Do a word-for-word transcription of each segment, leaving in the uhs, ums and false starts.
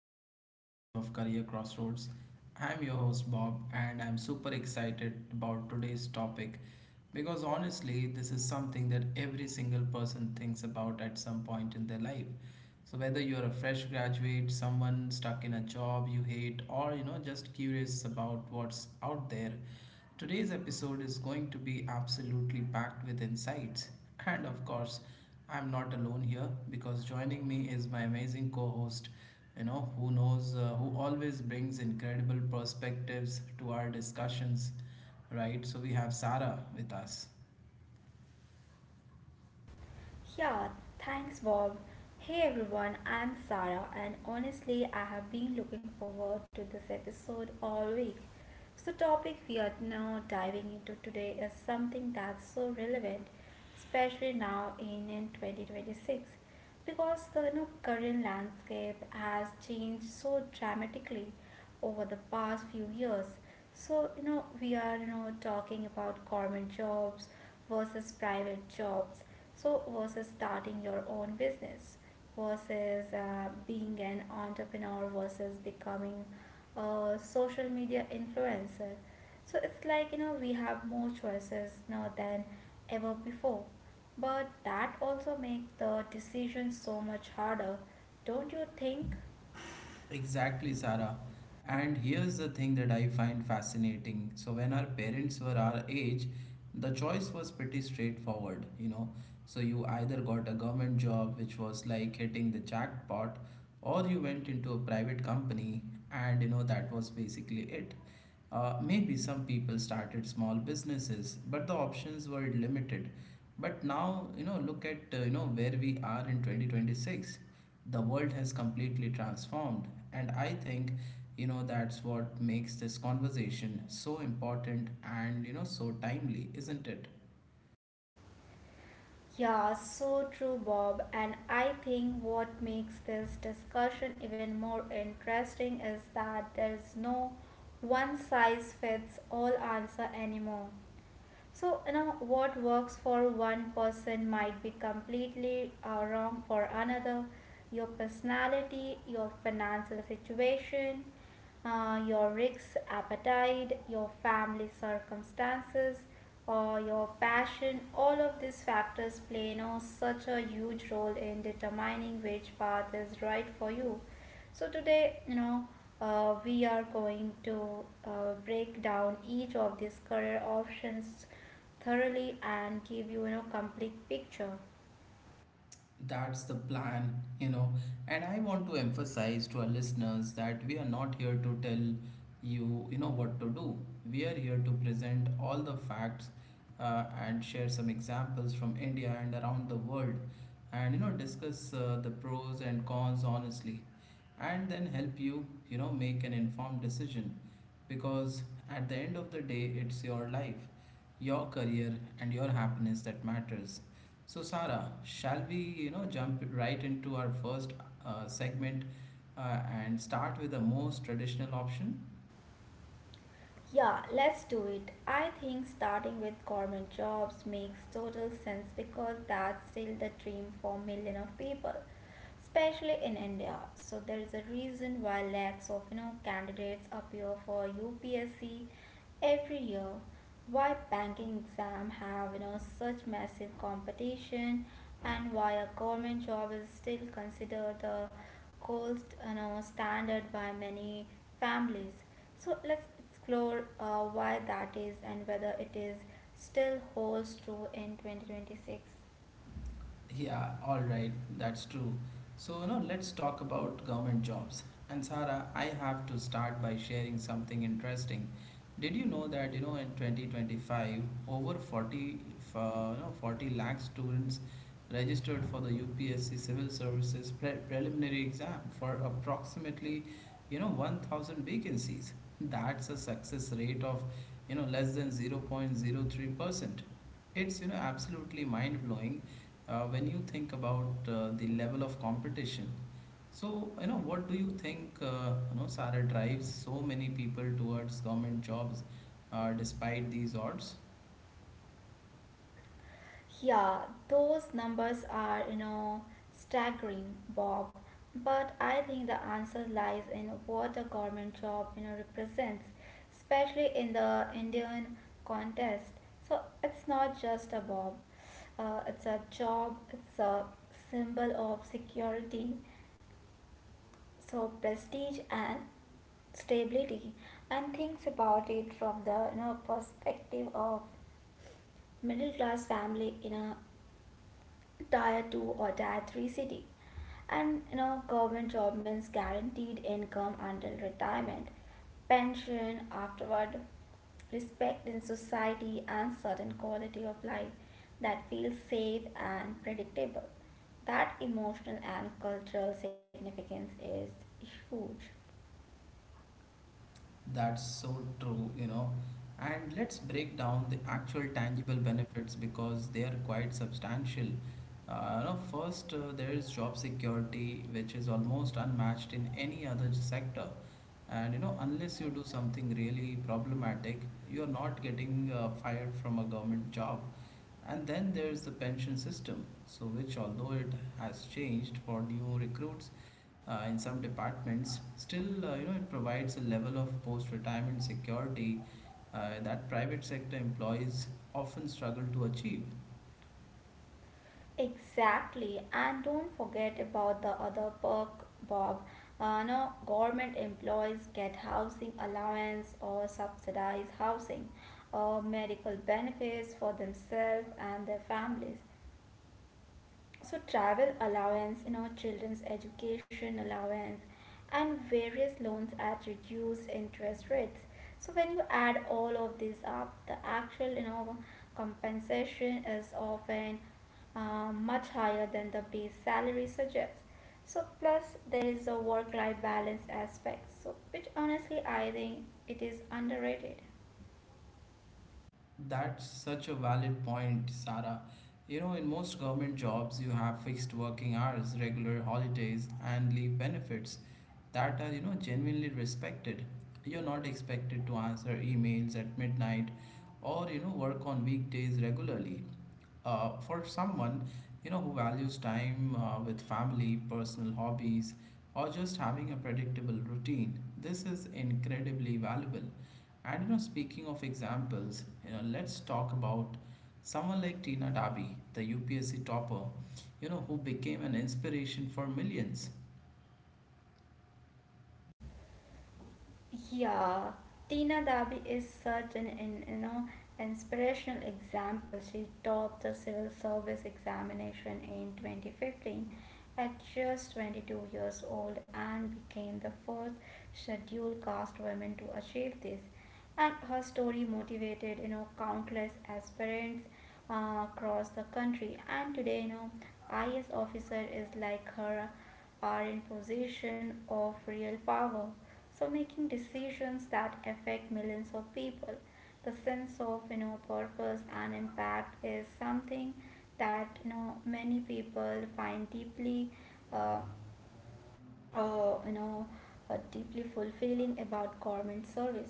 to another episode of Career Crossroads. I'm your host Bob, and I'm super excited about today's topic because, honestly, this is something that every single person thinks about at some point in their life. So whether you are a fresh graduate, someone stuck in a job you hate, or you know just curious about what's out there, today's episode is going to be absolutely packed with insights. And of course, I'm not alone here, because joining me is my amazing co-host, you know, who knows, uh, who always brings incredible perspectives to our discussions, right? So we have Sarah with us. Yeah, thanks Bob. Hey everyone, I'm Sarah and honestly I have been looking forward to this episode all week. So topic we are now diving into today is something that's so relevant, especially now in, in twenty twenty-six because the you know Korean landscape has changed so dramatically over the past few years. So you know we are you know talking about government jobs versus private jobs. So versus starting your own business versus uh, being an entrepreneur versus becoming uh, social media influencer. So it's like you know we have more choices now than ever before, but that also make the decision so much harder, don't you think? Exactly, Sarah. And here's the thing that I find fascinating. So, when our parents were our age, the choice was pretty straightforward, you know. So, you either got a government job, which was like hitting the jackpot, or you went into a private company, and, you know, that was basically it. Uh, maybe some people started small businesses, but the options were limited. But now, you know, look at uh, you know where we are in twenty twenty-six. The world has completely transformed, and I think you know that's what makes this conversation so important and you know so timely, isn't it? Yeah, so true, Bob. And I think what makes this discussion even more interesting is that there's no one size fits all answer anymore. So, you know, what works for one person might be completely uh, wrong for another. Your personality, your financial situation, uh, your risk appetite, your family circumstances, or your passion, all of these factors play, you know, such a huge role in determining which path is right for you. So today, you know, uh, we are going to uh, break down each of these career options thoroughly and give you, you know, complete picture. That's the plan, you know. And I want to emphasize to our listeners that we are not here to tell you, you know, what to do. We are here to present all the facts uh, and share some examples from India and around the world, and, you know, discuss uh, the pros and cons honestly, and then help you, you know, make an informed decision. Because at the end of the day, it's your life, your career, and your happiness that matters. So, Sara, shall we, you know, jump right into our first uh, segment uh, and start with the most traditional option? Yeah, let's do it. I think starting with government jobs makes total sense because that's still the dream for millions of people, especially in India. So there is a reason why lakhs of you know candidates appear for U P S C every year. Why banking exam have you know such massive competition and why a government job is still considered the gold you know standard by many families. So let's explore uh, why that is and whether it is still holds true in twenty twenty-six. Yeah, all right, that's true. So, you know, let's talk about government jobs. And Sara, I have to start by sharing something interesting. Did you know that, you know, in twenty twenty-five, over forty, uh, you know, forty lakh students registered for the U P S C Civil Services pre preliminary exam for approximately, you know, one thousand vacancies? That's a success rate of, you know, less than zero point zero three percent. It's, you know, absolutely mind-blowing uh, when you think about uh, the level of competition. So, you know, what do you think, uh, you know, Sara, drives so many people towards government jobs uh, despite these odds? Yeah, those numbers are, you know, staggering, Bob. But I think the answer lies in what a government job, you know, represents, especially in the Indian context. So it's not just a Bob. Uh, it's a job. It's a symbol of security, so prestige and stability. And thinks about it from the you know perspective of middle class family in a tier two or tier three city, and you know government job means guaranteed income until retirement, pension afterward, respect in society and certain quality of life that feels safe and predictable. That emotional and cultural significance is huge. That's so true, you know. And let's break down the actual tangible benefits, because they are quite substantial. Uh, you know, first, uh, there is job security, which is almost unmatched in any other sector. And you know, unless you do something really problematic, you are not getting uh, fired from a government job. And then there's the pension system, so which, although it has changed for new recruits, uh, in some departments, still uh, you know it provides a level of post-retirement security uh, that private sector employees often struggle to achieve. Exactly, and don't forget about the other perk, Bob. Uh, no, government employees get housing allowance or subsidized housing, or medical benefits for themselves and their families. So travel allowance, you know, children's education allowance, and various loans at reduced interest rates. So when you add all of this up, the actual, you know, compensation is often uh, much higher than the base salary suggests. So plus there is a work-life balance aspect. So which honestly I think it is underrated. That's such a valid point, Sarah. You know, in most government jobs, you have fixed working hours, regular holidays, and leave benefits that are, you know, genuinely respected. You're not expected to answer emails at midnight or, you know, work on weekdays regularly. Uh, for someone, you know, who values time uh, with family, personal hobbies, or just having a predictable routine, this is incredibly valuable. And you know, speaking of examples, you know, let's talk about someone like Tina Dabi, the U P S C topper, you know, who became an inspiration for millions. Yeah, Tina Dabi is such an, an you know inspirational example. She topped the civil service examination in twenty fifteen at just twenty-two years old and became the first scheduled caste woman to achieve this. And her story motivated you know countless aspirants uh, across the country. And today, you know, I A S officer is like her are in possession of real power, so making decisions that affect millions of people. The sense of you know purpose and impact is something that you know many people find deeply, uh, uh, you know uh, deeply fulfilling about government services.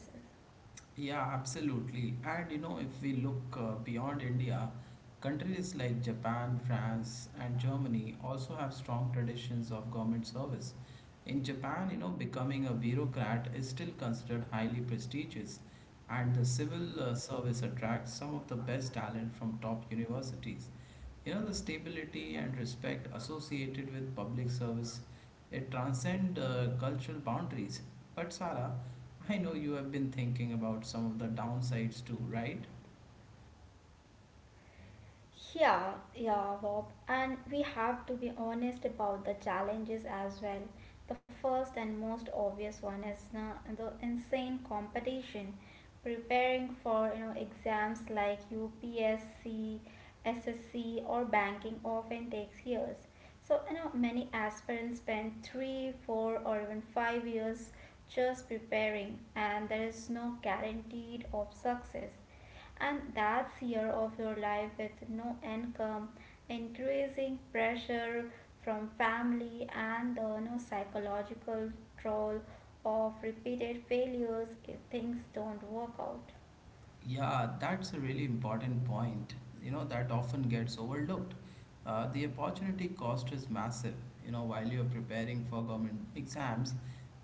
Yeah, absolutely. And you know, if we look uh, beyond India, countries like Japan, France, and Germany also have strong traditions of government service. In Japan, you know, becoming a bureaucrat is still considered highly prestigious, and the civil uh, service attracts some of the best talent from top universities. You know, the stability and respect associated with public service, it transcends uh, cultural boundaries. But Sara, I know you have been thinking about some of the downsides too, right? Yeah, yeah, Bob. And we have to be honest about the challenges as well. The first and most obvious one is na- the insane competition. Preparing for you know exams like U P S C, S S C, or banking often takes years. So you know many aspirants spend three, four, or even five years just preparing, and there is no guaranteed of success, and that's year of your life with no income, increasing pressure from family, and the no psychological toll of repeated failures if things don't work out. Yeah, that's a really important point, you know, that often gets overlooked. Uh, the opportunity cost is massive. You know, while you're preparing for government exams,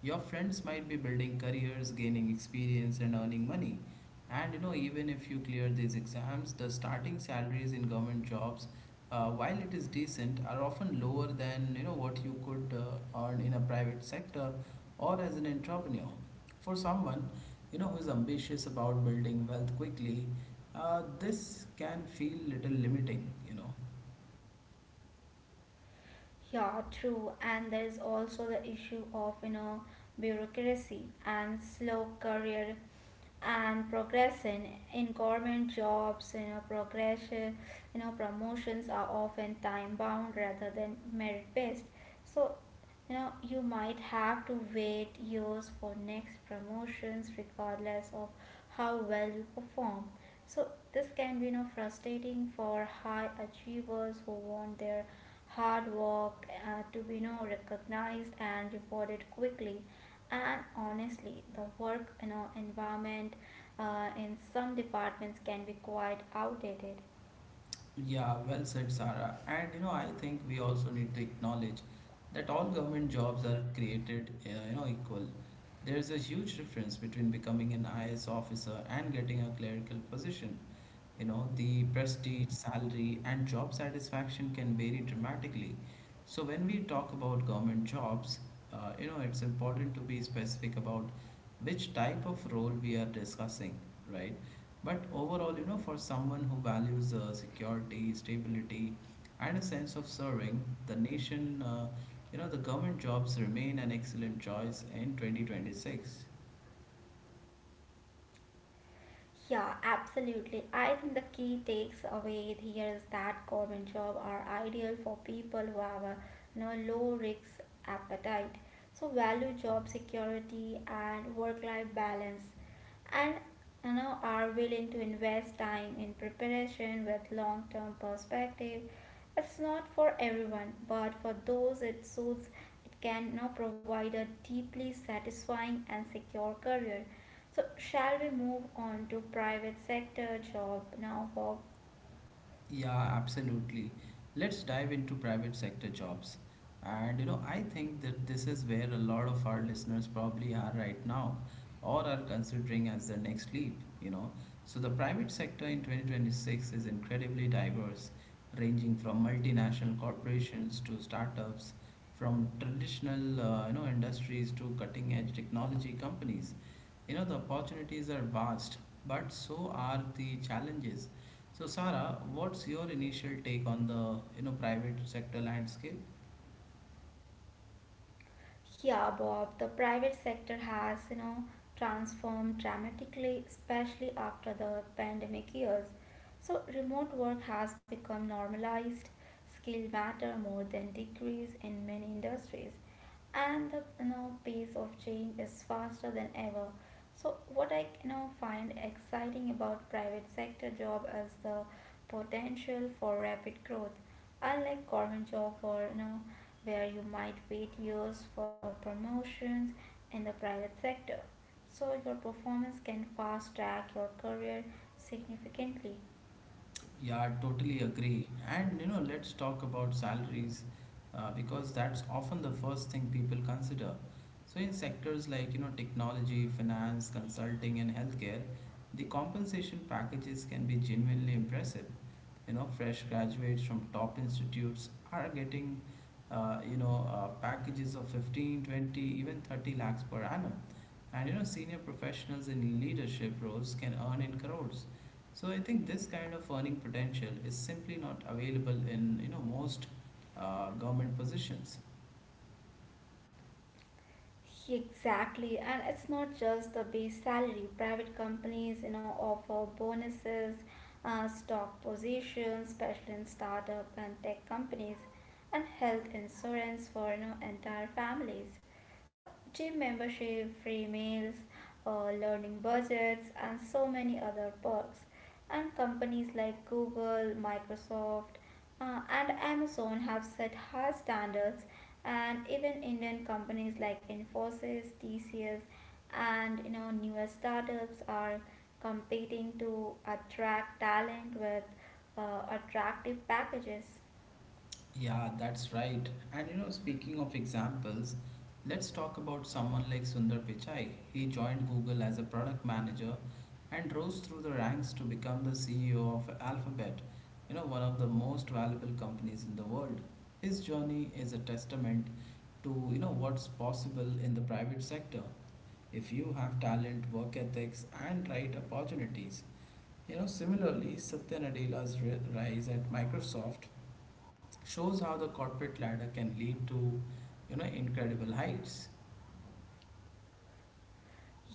your friends might be building careers, gaining experience, and earning money. And, you know, even if you clear these exams, the starting salaries in government jobs, uh, while it is decent, are often lower than, you know, what you could uh, earn in a private sector or as an entrepreneur. For someone, you know, who's ambitious about building wealth quickly, uh, this can feel little limiting, you know. Yeah, true. And there is also the issue of you know bureaucracy and slow career and progression in government jobs. You know progression you know, promotions are often time bound rather than merit based. So you know you might have to wait years for next promotions regardless of how well you perform. So this can be, you know frustrating for high achievers who want their hard work uh, to be, you know recognized and rewarded quickly. And honestly the work you know environment uh, in some departments can be quite outdated. Yeah, well said, Sarah. And you know, I think we also need to acknowledge that all government jobs are created, uh, you know, equal. There is a huge difference between becoming an I S officer and getting a clerical position. You know, the prestige, salary, and job satisfaction can vary dramatically. So, when we talk about government jobs, uh, you know, it's important to be specific about which type of role we are discussing, right? But overall, you know, for someone who values uh, security, stability, and a sense of serving the nation, uh, you know, the government jobs remain an excellent choice in twenty twenty-six. Yeah, absolutely. I think the key takes away here is that government job are ideal for people who have a, you know, low risk appetite. So value job security and work life balance, and you know are willing to invest time in preparation with long term perspective. It's not for everyone, but for those it suits it can, you know, provide a deeply satisfying and secure career. So, shall we move on to private sector job now, Bob? Yeah, absolutely. Let's dive into private sector jobs. And you know, I think that this is where a lot of our listeners probably are right now or are considering as their next leap, you know. So the private sector in twenty twenty-six is incredibly diverse, ranging from multinational corporations to startups, from traditional uh, you know industries to cutting-edge technology companies. You know, the opportunities are vast, but so are the challenges. So Sara, what's your initial take on the you know private sector landscape? Yeah, Bob, the private sector has, you know, transformed dramatically, especially after the pandemic years. So remote work has become normalized, skill matter more than degrees in many industries, and the you know pace of change is faster than ever. So what I you know find exciting about private sector job is the potential for rapid growth. Unlike government job, or you know where you might wait years for a promotions in the private sector. So your performance can fast track your career significantly. Yeah, I totally agree. And you know, let's talk about salaries uh, because that's often the first thing people consider. So, in sectors like you know, technology, finance, consulting, and healthcare, the compensation packages can be genuinely impressive. You know, fresh graduates from top institutes are getting uh, you know, uh, packages of fifteen, twenty, even thirty lakhs per annum. And you know, senior professionals in leadership roles can earn in crores. So I think this kind of earning potential is simply not available in you know most uh, government positions. Exactly, and it's not just the base salary. Private companies, you know, offer bonuses, uh, stock positions, especially in startup and tech companies, and health insurance for you know entire families. So gym membership, free meals, uh, learning budgets, and so many other perks, and companies like Google, Microsoft, uh, and Amazon have set high standards, and even Indian companies like Infosys, T C S, and you know newer startups are competing to attract talent with uh, attractive packages. Yeah, that's right. And you know, speaking of examples, let's talk about someone like Sundar Pichai. He joined Google as a product manager and rose through the ranks to become the C E O of Alphabet, you know, one of the most valuable companies in the world. His journey is a testament to you know what's possible in the private sector if you have talent, work ethics, and right opportunities. You know, similarly, Satya Nadella's ri- rise at Microsoft shows how the corporate ladder can lead to, you know, incredible heights.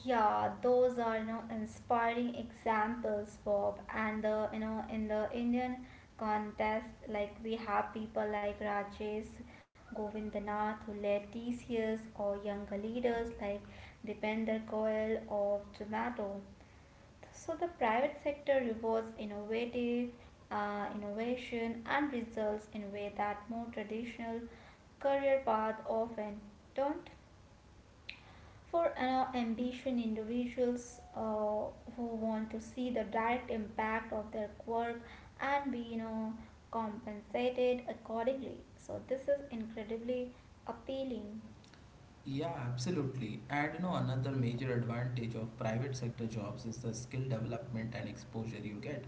Yeah, those are you know inspiring examples, Bob. And the you know in the Indian contest, like we have people like Rajesh Govindanath who led these years, or younger leaders like Dipender Goyal of Zomato. So the private sector rewards innovative uh, innovation and results in a way that more traditional career path often don't for uh, ambition individuals uh, who want to see the direct impact of their work and be, you know compensated accordingly. So this is incredibly appealing. Yeah, absolutely. And you know, another major advantage of private sector jobs is the skill development and exposure you get.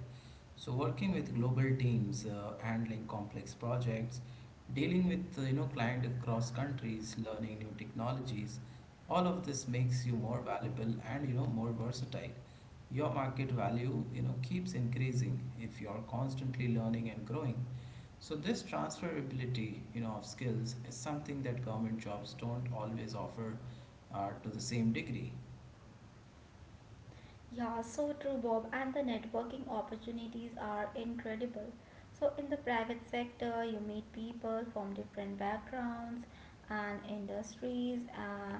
So working with global teams, uh, handling complex projects, dealing with uh, you know client across countries, learning new technologies, all of this makes you more valuable and you know more versatile. Your market value you know keeps increasing if you are constantly learning and growing. So this transferability you know of skills is something that government jobs don't always offer uh, to the same degree. Yeah, so true, Bob. And the networking opportunities are incredible. So, in the private sector, you meet people from different backgrounds and industries uh,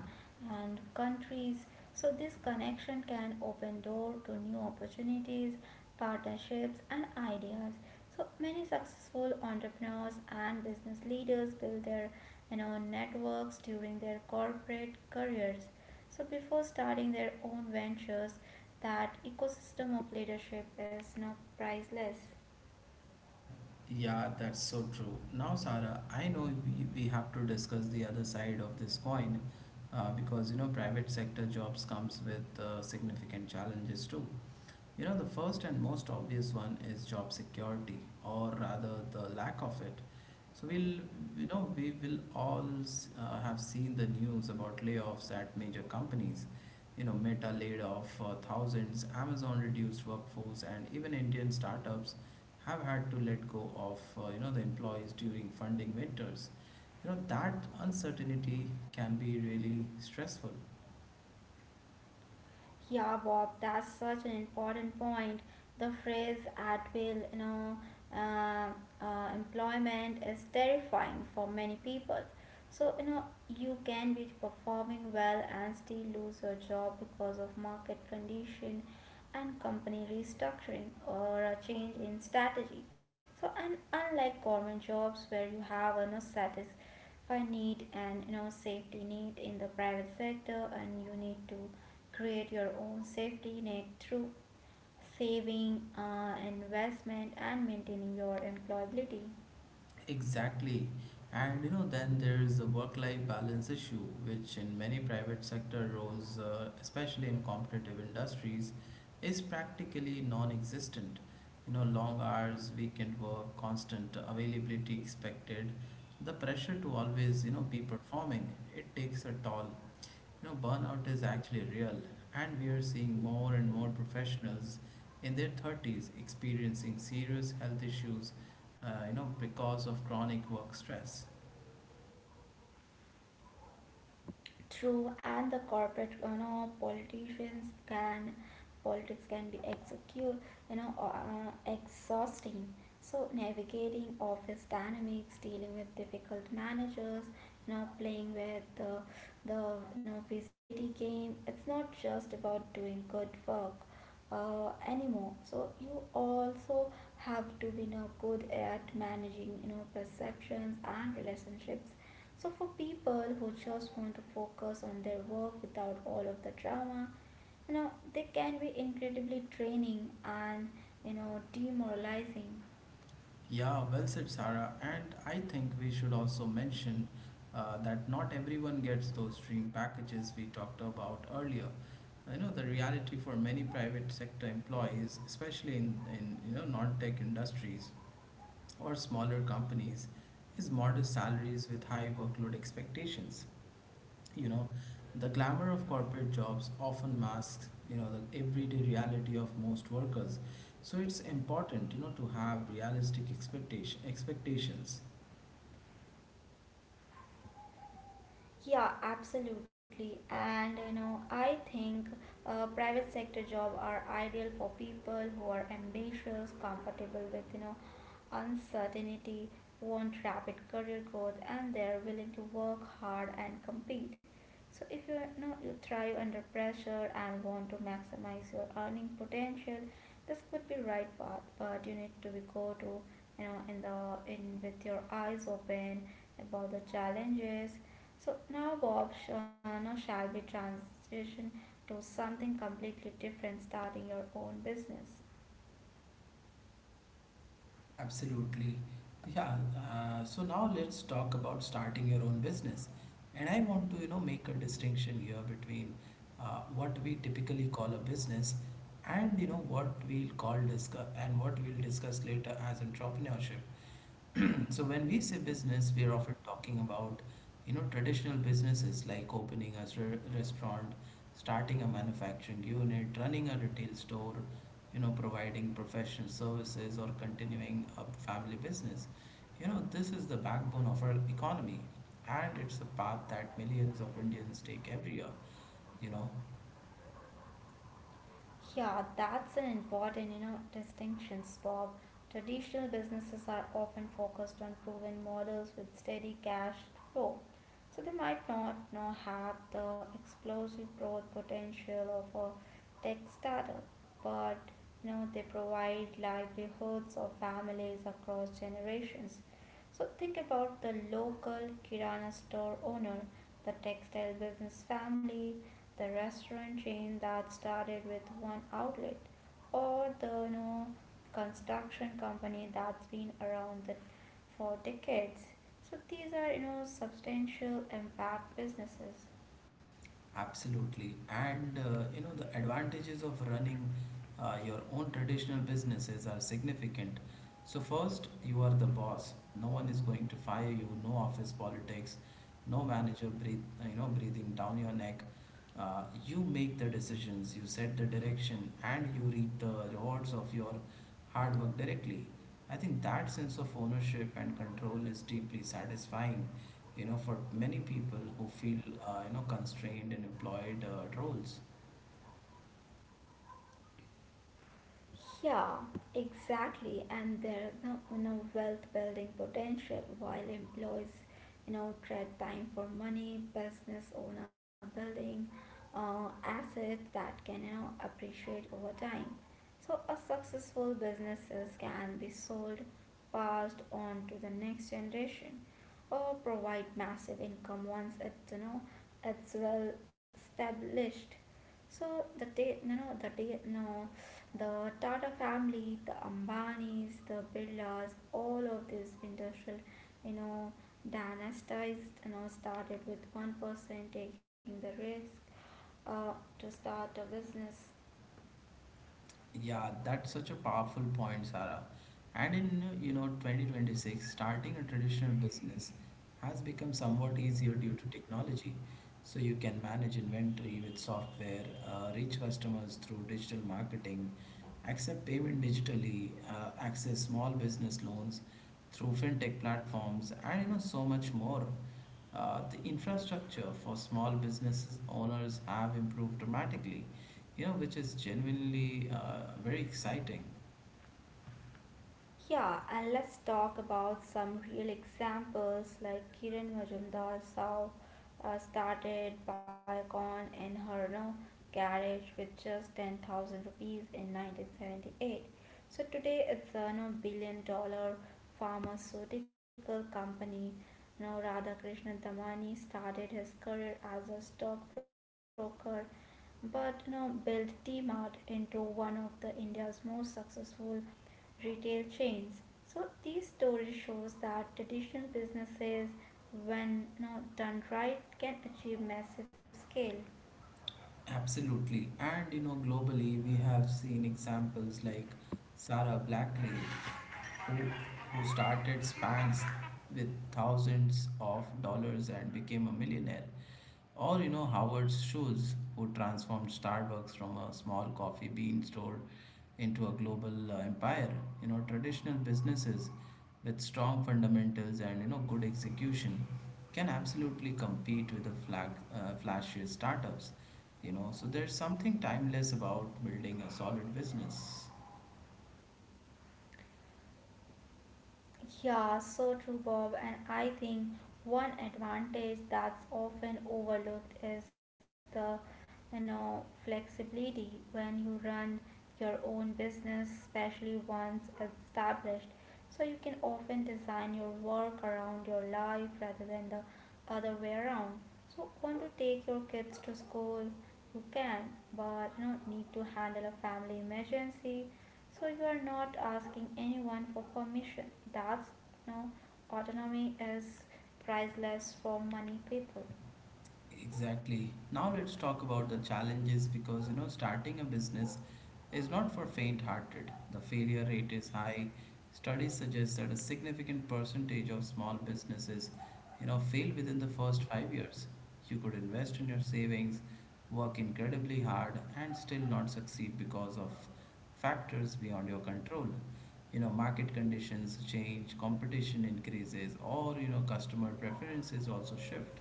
and countries. So, this connection can open door to new opportunities, partnerships, and ideas. So, many successful entrepreneurs and business leaders build their, you know, networks during their corporate careers. So, before starting their own ventures, that ecosystem of leadership is now priceless. Yeah, that's so true. Now, Sara, I know we, we have to discuss the other side of this coin uh, because you know private sector jobs comes with uh, significant challenges too. You know, the first and most obvious one is job security, or rather the lack of it. So we'll, you know, we will all s- uh, have seen the news about layoffs at major companies. You know, Meta laid off uh, thousands, Amazon reduced workforce, and even Indian startups have had to let go of, uh, you know, the employees during funding winters. You know, that uncertainty can be really stressful. Yeah, Bob, that's such an important point. The phrase at will, you know, uh, uh, employment is terrifying for many people. So, you know, you can be performing well and still lose your job because of market condition and company restructuring or a change in strategy. So, and unlike government jobs where you have a, you know, satisfied need and you know safety need in the private sector, and you need to create your own safety net through saving, uh, investment, and maintaining your employability. Exactly. And you know, then there is the work-life balance issue, which in many private sector roles, uh, especially in competitive industries, is practically non-existent. You know, long hours, weekend work, constant availability expected, the pressure to always, you know, be performing, it takes a toll. You know, burnout is actually real, and we are seeing more and more professionals in their thirties experiencing serious health issues, uh, you know, because of chronic work stress. True, and the corporate, you know, politicians can, politics can be execute, you know, uh, uh, exhausting. So navigating office dynamics, dealing with difficult managers, you know, playing with the, the you know, visibility game. It's not just about doing good work uh, anymore. So you also have to be, you know, good at managing, you know, perceptions and relationships. So, for people who just want to focus on their work without all of the drama, you know, they can be incredibly draining and, you know, demoralizing. Yeah, well said, Sarah. And I think we should also mention uh, that not everyone gets those dream packages we talked about earlier. You know, the reality for many private sector employees, especially in, in you know non-tech industries, or smaller companies is modest salaries with high workload expectations. You know, the glamour of corporate jobs often masks, you know, the everyday reality of most workers. So it's important, you know, to have realistic expectation expectations. Yeah, absolutely. And you know, I think uh, private sector job are ideal for people who are ambitious, compatible with you know uncertainty, want rapid career growth, and they're willing to work hard and compete. So if you you know you thrive under pressure and want to maximize your earning potential, this could be right path. But you need to be go to you know in the in with your eyes open about the challenges. So now, Bob, sh- uh, shall be transition to something completely different, starting your own business? Absolutely. Yeah. Uh, so now let's talk about starting your own business. And I want to, you know, make a distinction here between uh, what we typically call a business and, you know, what we'll call discuss and what we'll discuss later as entrepreneurship. So when we say business, we are often talking about, you know, traditional businesses like opening a re- restaurant, starting a manufacturing unit, running a retail store, you know, providing professional services or continuing a family business. You know, this is the backbone of our economy, and it's a path that millions of Indians take every year, you know. Yeah, that's an important, you know, distinctions, Bob. Traditional businesses are often focused on proven models with steady cash flow, so they might not you know have the explosive growth potential of a tech startup, but you know they provide livelihoods of families across generations. So think about the local kirana store owner, the textile business family, the restaurant chain that started with one outlet, or the no construction company that's been around the, for decades. So these are you know substantial impact businesses. Absolutely. And uh, you know, the advantages of running uh, your own traditional businesses are significant. So first, you are the boss. No one is going to fire you, no office politics, no manager breathe, you know, breathing down your neck. Uh, you make the decisions, you set the direction, and you reap the rewards of your hard work directly. I think that sense of ownership and control is deeply satisfying, you know, for many people who feel, uh, you know, constrained in employed uh, roles. Yeah, exactly. And there is no, you know, wealth building potential while employees you know, trade time for money, business owner building uh, assets that can, you know, appreciate over time. So a successful businesses can be sold, passed on to the next generation or provide massive income once it's you know it's well established. So the day you know the day you know the Tata family, the Ambanis, the Birlas, all of these industrial you know dynasties you know started with one person taking the risk uh, to start a business. Yeah, that's such a powerful point, Sarah. And in, you know, twenty twenty-six, starting a traditional business has become somewhat easier due to technology. So you can manage inventory with software, uh, reach customers through digital marketing, accept payment digitally, uh, access small business loans through fintech platforms, and you know so much more. Uh, the infrastructure for small businesses owners have improved dramatically, you know, which is genuinely uh, very exciting. Yeah, and let's talk about some real examples like Kiran Majumdar Sao uh, started Biocon in her no garage with just ten thousand rupees in nineteen seventy-eight. So today it's a no billion dollar pharmaceutical company. Now Radhakrishnan Damani started his career as a stockbroker, but you know built T-Mart into one of the India's most successful retail chains. So these stories shows that traditional businesses when not done right can achieve massive scale. Absolutely. And you know, globally, we have seen examples like Sarah Blackley, who, who started Spanx with thousands of dollars and became a millionaire. Or you know, Howard Schultz, who transformed Starbucks from a small coffee bean store into a global uh, empire. You know, traditional businesses with strong fundamentals and, you know, good execution can absolutely compete with the flag, uh, flashy startups, you know, so there's something timeless about building a solid business. Yeah, so true, Bob. And I think one advantage that's often overlooked is the, you know, flexibility when you run your own business, especially once established. So you can often design your work around your life rather than the other way around. So want to take your kids to school? You can, but you know, need to handle a family emergency, so you are not asking anyone for permission. Thus, no autonomy is priceless for money people. Exactly. Now let's talk about the challenges, because you know starting a business is not for faint-hearted. The failure rate is high. Studies suggest that a significant percentage of small businesses, you know, fail within the first five years. You could invest in your savings, work incredibly hard, and still not succeed because of factors beyond your control. You know, market conditions change, competition increases, or you know, customer preferences also shift.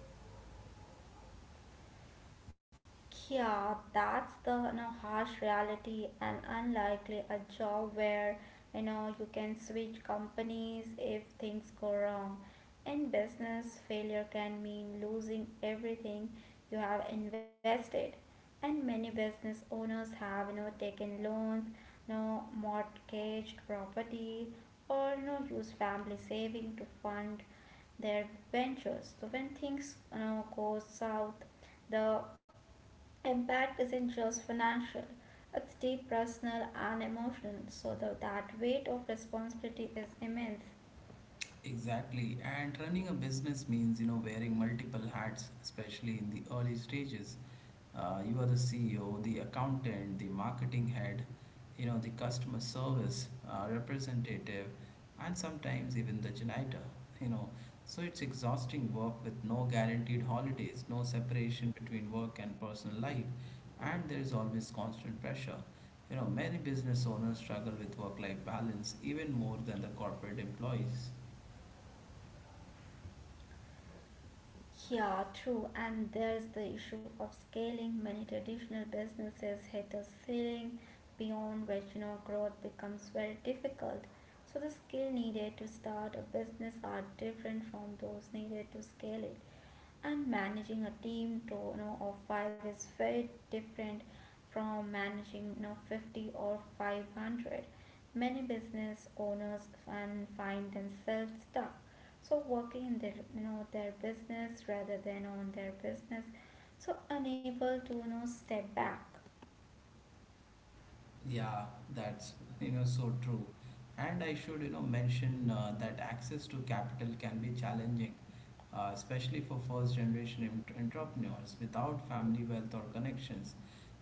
Yeah, that's the you know, harsh reality, and unlikely a job where you know you can switch companies if things go wrong. In business, failure can mean losing everything you have invested. And many business owners have you know taken loans, you know, mortgaged property, or you know use family saving to fund their ventures. So when things you know go south, the impact isn't just financial, it's deep personal and emotional, so the, that weight of responsibility is immense. Exactly, and running a business means you know wearing multiple hats, especially in the early stages. Uh, you are the C E O, the accountant, the marketing head, you know the customer service uh, representative, and sometimes even the janitor. You know, so it's exhausting work with no guaranteed holidays, no separation between work and personal life, and there is always constant pressure. You know, many business owners struggle with work life balance even more than the corporate employees. Yeah, true, and there's the issue of scaling. Many traditional businesses hit a ceiling beyond which you know growth becomes very difficult. So the skill needed to start a business are different from those needed to scale it. And managing a team to you know of five is very different from managing you know fifty or five hundred. Many business owners and find themselves stuck, so working in their you know their business rather than on their business, so unable to you know step back. Yeah, that's you know so true. And I should you know mention uh, that access to capital can be challenging, uh, especially for first generation ent- entrepreneurs without family wealth or connections.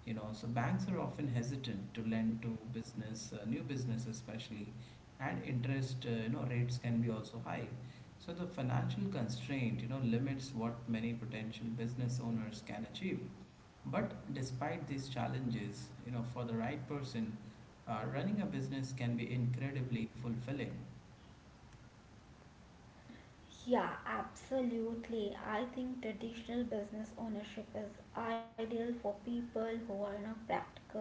You know, so banks are often hesitant to lend to business, uh, new business especially, and interest, uh, you know, rates can be also high. So the financial constraint you know limits what many potential business owners can achieve. But despite these challenges, you know, for the right person, uh, running a business can be incredibly fulfilling. Yeah, absolutely. I think traditional business ownership is ideal for people who are not practical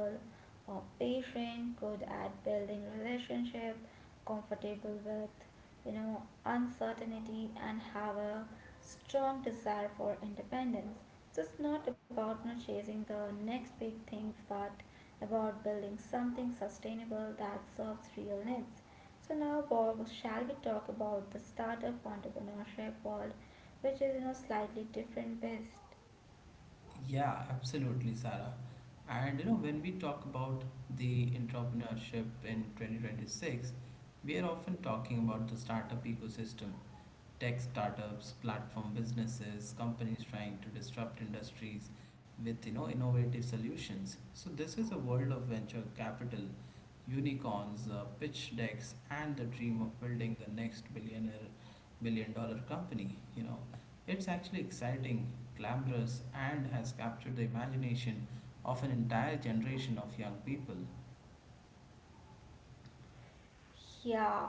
or patient, good at building relationship, comfortable with, you know, uncertainty, and have a strong desire for independence. So it's not about you know, chasing the next big things, but about building something sustainable that serves real needs. So now, Bob, shall we talk about the startup entrepreneurship world, which is you know slightly different beast? Yeah, absolutely, Sarah. And you know, when we talk about the entrepreneurship in twenty twenty-six, we are often talking about the startup ecosystem, tech startups, platform businesses, companies trying to disrupt industries with you know innovative solutions. So this is a world of venture capital, unicorns, uh, pitch decks, and the dream of building the next billionaire billion dollar company. You know, it's actually exciting, glamorous, and has captured the imagination of an entire generation of young people. Yeah.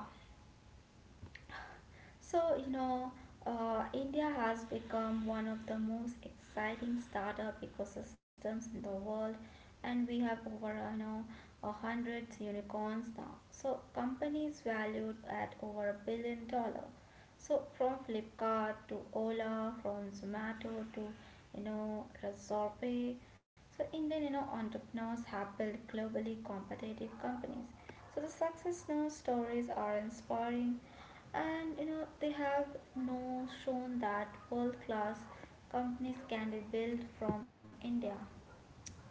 So, you know, uh, India has become one of the most exciting startup ecosystems in the world, and we have over, you know, a hundred unicorns now. So, companies valued at over a billion dollar. So, from Flipkart to Ola, from Zomato to, you know, Razorpay. So, Indian, you know, entrepreneurs have built globally competitive companies. So, the success now stories are inspiring, and you know, they have now shown that world class companies can be built from India.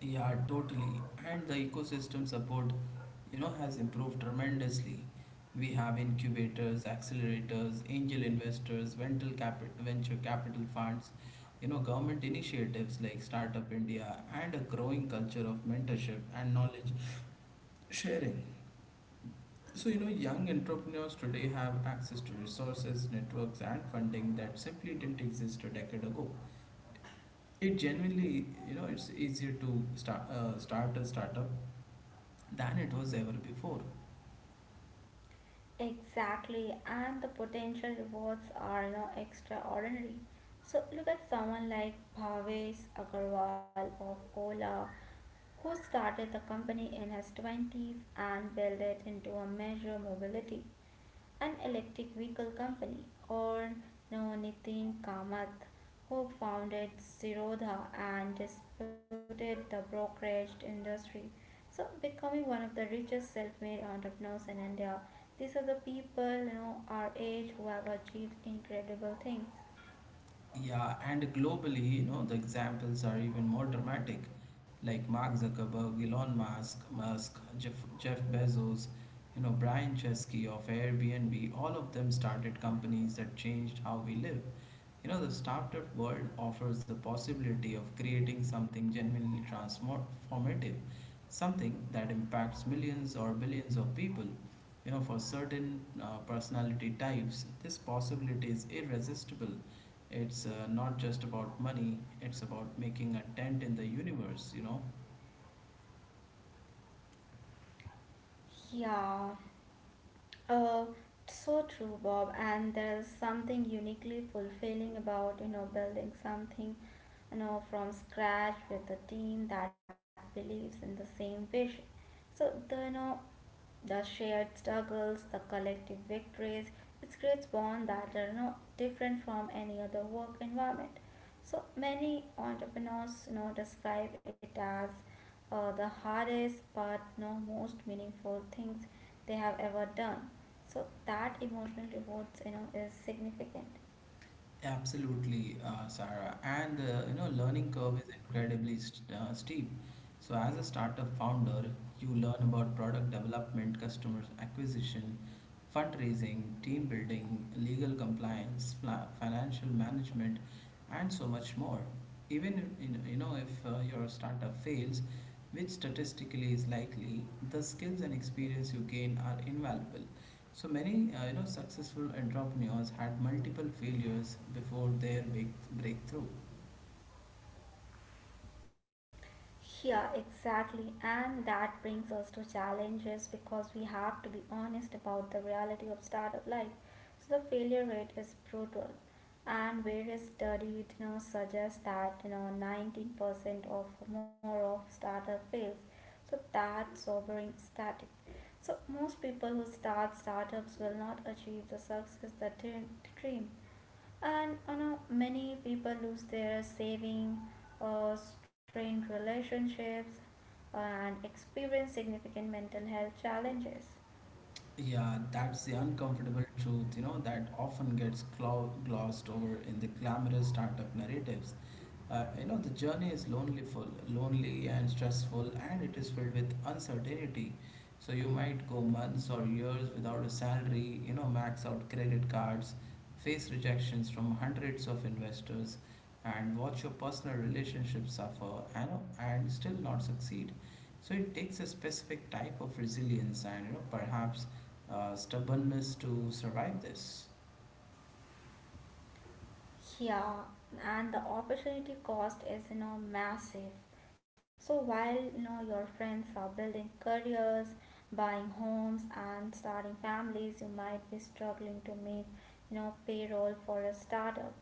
Yeah, totally. And the ecosystem support, you know, has improved tremendously. We have incubators, accelerators, angel investors, venture capital, venture capital funds, you know, government initiatives like Startup India, and a growing culture of mentorship and knowledge sharing. So, you know, young entrepreneurs today have access to resources, networks, and funding that simply didn't exist a decade ago. It genuinely, you know, it's easier to start uh, start a startup than it was ever before. Exactly, and the potential rewards are you know, extraordinary. So look at someone like Bhavesh Agarwal of Ola, who started the company in his twenties and built it into a major mobility, an electric vehicle company, or known as Nitin Kamath, who founded Zerodha and disputed the brokerage industry. So, becoming one of the richest self-made entrepreneurs in India. These are the people, you know, our age who have achieved incredible things. Yeah, and globally, you know, the examples are even more dramatic, like Mark Zuckerberg, Elon Musk, Musk, Jeff, Jeff Bezos, you know, Brian Chesky of Airbnb. All of them started companies that changed how we live. You know, the startup world offers the possibility of creating something genuinely transformative, something that impacts millions or billions of people. You know, for certain uh, personality types, this possibility is irresistible. It's uh, not just about money, it's about making a dent in the universe, you know. Yeah. Uh, so true, Bob. And there's something uniquely fulfilling about you know building something, you know, from scratch with a team that believes in the same vision. So the you know the shared struggles, the collective victories, it creates bonds that are not different from any other work environment. So many entrepreneurs you know, describe it as uh, the hardest but you know, most meaningful things they have ever done. So that emotional reward you know, is significant. Absolutely, uh, Sarah. And uh, you know, learning curve is incredibly st- uh, steep. So as a startup founder, you learn about product development, customer acquisition, fundraising, team building, legal compliance, fla- financial management, and so much more. Even in, you know, if uh, your startup fails, which statistically is likely, the skills and experience you gain are invaluable. So many, uh, you know, successful entrepreneurs had multiple failures before their big breakthrough. Yeah, exactly. And that brings us to challenges because we have to be honest about the reality of startup life. So the failure rate is brutal. And various studies you know, suggest that you know nineteen percent of more of startup fails. So that's sobering static. So most people who start startups will not achieve the success that they dream. And you know, many people lose their saving, uh, strained relationships, and experience significant mental health challenges. Yeah, that's the uncomfortable truth, you know, that often gets glo- glossed over in the glamorous startup narratives. Uh, you know, the journey is lonely, full, lonely and stressful, and it is filled with uncertainty. So you might go months or years without a salary, you know, max out credit cards, face rejections from hundreds of investors, and watch your personal relationships suffer, and, and still not succeed. So it takes a specific type of resilience, and you know perhaps uh, stubbornness to survive this. Yeah, and the opportunity cost is you know massive. So while you know your friends are building careers, buying homes and starting families, you might be struggling to make you know payroll for a startup.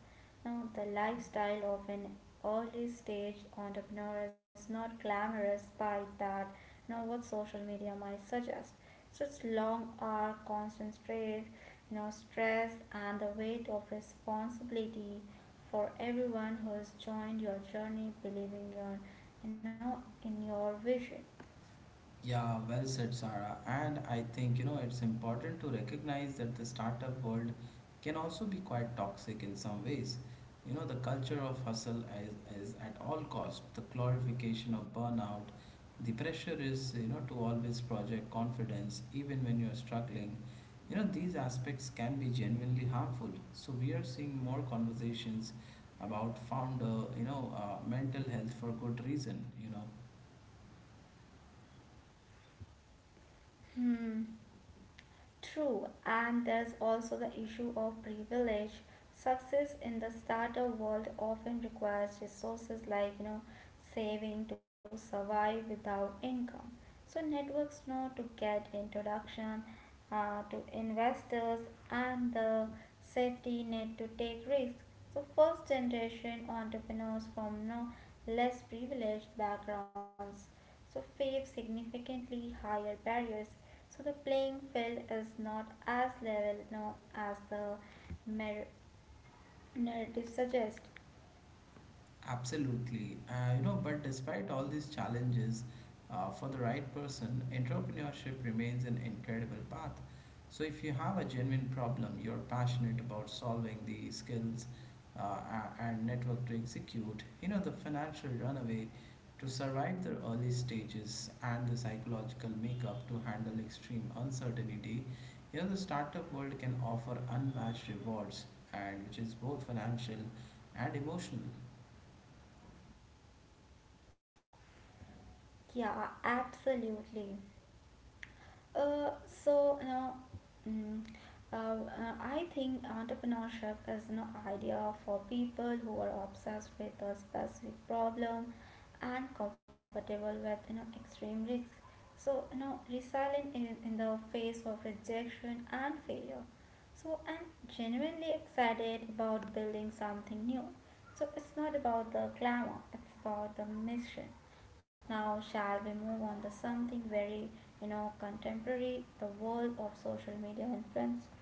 Now the lifestyle of an early stage entrepreneur is not glamorous by that you know what social media might suggest. Such long hour, constant spread, you know, stress, and the weight of responsibility for everyone who has joined your journey believing your you know in your vision. Yeah, well said, Sarah. And I think, you know, it's important to recognize that the startup world can also be quite toxic in some ways. You know, the culture of hustle is, is at all cost, the glorification of burnout, the pressure is, you know, to always project confidence even when you're struggling. You know, these aspects can be genuinely harmful. So we are seeing more conversations about founder, you know, uh, mental health for good reason, you know. Hmm. True, and there's also the issue of privilege. Success in the startup world often requires resources like, you know, saving to survive without income. So networks know to get introduction uh, to investors and the safety net to take risks. So first generation entrepreneurs from you know, less privileged backgrounds so face significantly higher barriers, so the playing field is not as level now as the narrative suggests. Absolutely. Uh, you know, but despite all these challenges, uh, for the right person, entrepreneurship remains an incredible path. So if you have a genuine problem you're passionate about solving, the skills uh, a- and network to execute, you know, the financial runaway to survive the early stages and the psychological makeup to handle extreme uncertainty, you know, the startup world can offer unmatched rewards, and which is both financial and emotional. Yeah, absolutely. Uh, so now, mm, uh, uh, I think entrepreneurship is an idea for people who are obsessed with a specific problem and comfortable with you know extreme risks. So you know resilient in, in the face of rejection and failure. So I'm genuinely excited about building something new. So it's not about the glamour; it's about the mission. Now, shall we move on to something very in our contemporary the world of social media influence?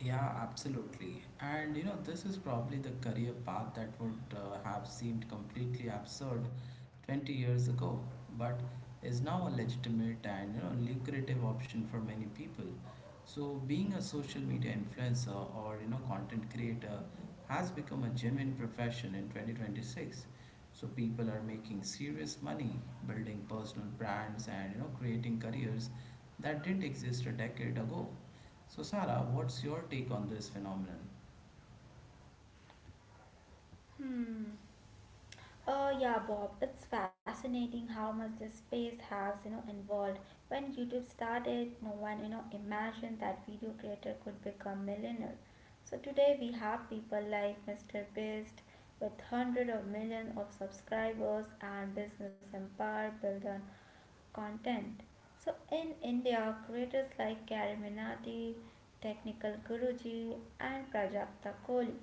Yeah, absolutely. And you know, this is probably the career path that would, uh, have seemed completely absurd twenty years ago, but is now a legitimate and you know, lucrative option for many people. So being a social media influencer or you know, content creator has become a genuine profession in twenty twenty-six. So people are making serious money, building personal brands, and you know, creating careers that didn't exist a decade ago. So, Sarah, what's your take on this phenomenon? Hmm. Uh, yeah, Bob, it's fascinating how much this space has, you know, involved. When YouTube started, no one, you know, imagined that video creator could become millionaire. So today we have people like Mister Beast with hundreds of millions of subscribers and business empire built on content. So in India, creators like Kari Minati, Technical Guruji, and Prajakta Kohli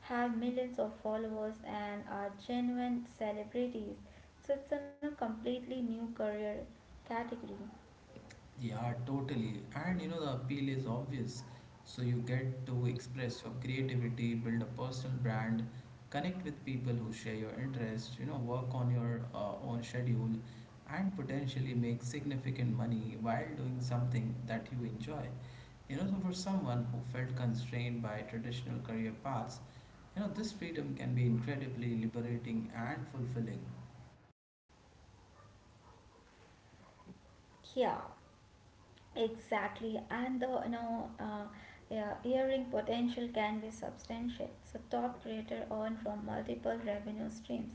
have millions of followers and are genuine celebrities. So it's in a completely new career category. Yeah, totally. And you know, the appeal is obvious. So you get to express your creativity, build a personal brand, connect with people who share your interests, you know, work on your uh, own schedule, and potentially make significant money while doing something that you enjoy. You know, so for someone who felt constrained by traditional career paths, you know, this freedom can be incredibly liberating and fulfilling. Yeah, exactly. And the you know uh, yeah, earning potential can be substantial. So top creator earn from multiple revenue streams,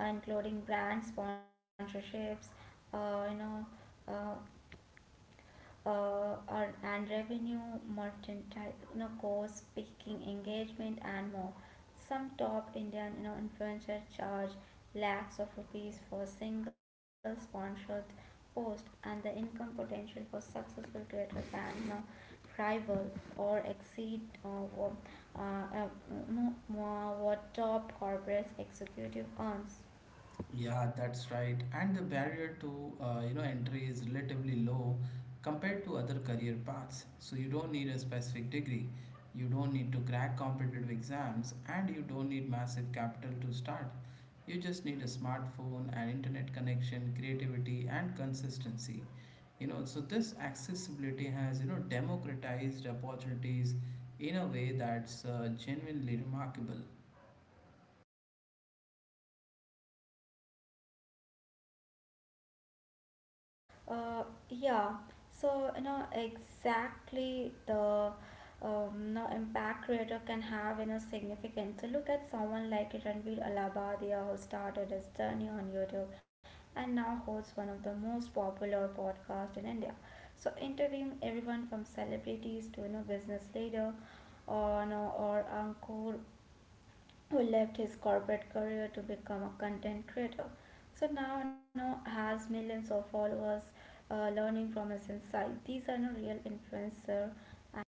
uh, including brand sponsorships, uh, you know, uh, uh, or, and revenue, mercantile, you know, course, speaking engagement, and more. Some top Indian, you know, influencers charge lakhs of rupees for single sponsored post, and the income potential for successful creator can you know, rival or exceed uh, what, uh, uh, no, more what top corporate executive earns. Yeah, that's right. And the barrier to, uh, you know, entry is relatively low compared to other career paths. So you don't need a specific degree, you don't need to crack competitive exams, and you don't need massive capital to start. You just need a smartphone, an internet connection, creativity, and consistency. You know, so this accessibility has you know democratized opportunities in a way that's, uh, genuinely remarkable. Uh, yeah. So, you know, exactly the um, no, impact creator can have, you know, significance. So look at someone like Ranveer Alabadia who started his journey on YouTube and now hosts one of the most popular podcasts in India. So interviewing everyone from celebrities to, you know, business leader or, no or Ankur who left his corporate career to become a content creator. So now now has millions of followers uh, learning from his insight. These are no real influencer. And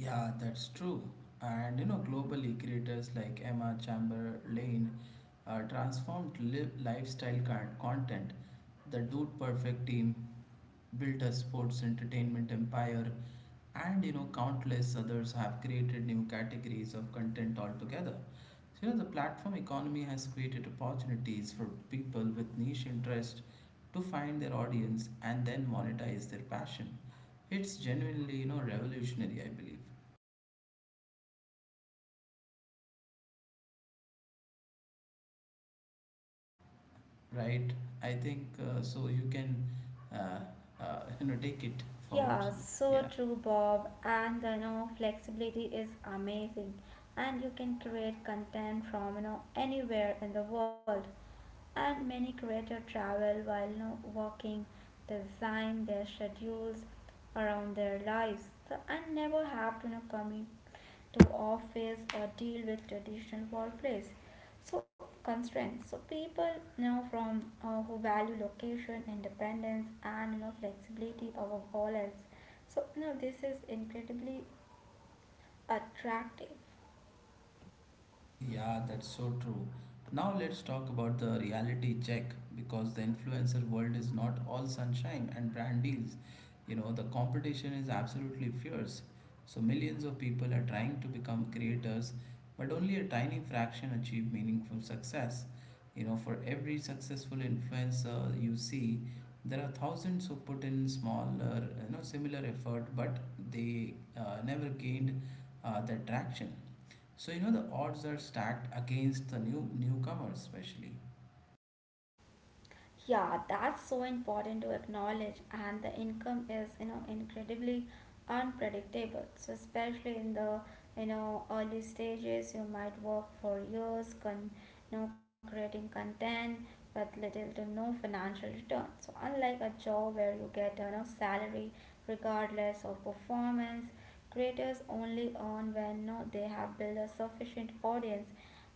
Yeah, that's true. And you know, globally, creators like Emma Chamberlain uh, transformed li- lifestyle con- content. The Dude Perfect team built a sports entertainment empire, and you know, countless others have created new categories of content altogether. So, you know, the platform economy has created opportunities for people with niche interest to find their audience and then monetize their passion. It's genuinely, you know, revolutionary, I believe, right? I think uh, so. You can uh, uh, you know take it forward. yeah, so true, Bob. And the you know, flexibility is amazing, and you can create content from you know anywhere in the world, and many creators travel while not working, design their schedules around their lives, so, and never have to you know, commute to office or deal with traditional workplace. So constraints. So people you know from uh, who value location, independence, and you know flexibility above all else. So you know this is incredibly attractive. Yeah, that's so true. Now let's talk about the reality check because the influencer world is not all sunshine and brand deals. You know, the competition is absolutely fierce. So millions of people are trying to become creators, but only a tiny fraction achieve meaningful success. You know, for every successful influencer you see, there are thousands who put in smaller, you know, similar effort, but they uh, never gained uh, that traction. So you know the odds are stacked against the new newcomers, especially. Yeah, that's so important to acknowledge, and the income is you know incredibly unpredictable. So especially in the you know early stages, you might work for years, con- you know creating content with little to no financial return. So unlike a job where you get you know salary regardless of performance, creators only earn when you know, they have built a sufficient audience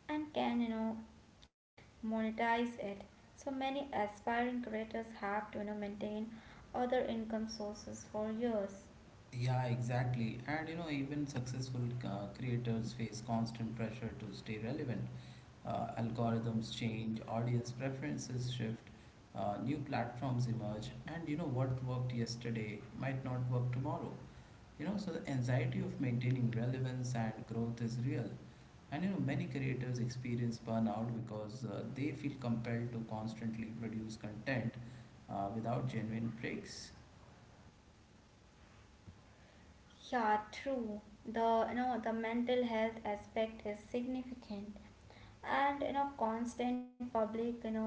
and can you know monetize it. So many aspiring creators have to you know, maintain other income sources for years. Yeah, exactly. And you know even successful uh, creators face constant pressure to stay relevant. Uh, algorithms change, audience preferences shift, uh, new platforms emerge, and you know what worked yesterday might not work tomorrow. You know, so the anxiety of maintaining relevance and growth is real. And you know, many creators experience burnout because uh, they feel compelled to constantly produce content uh, without genuine breaks. Yeah, true. The you know the mental health aspect is significant, and you know constant public you know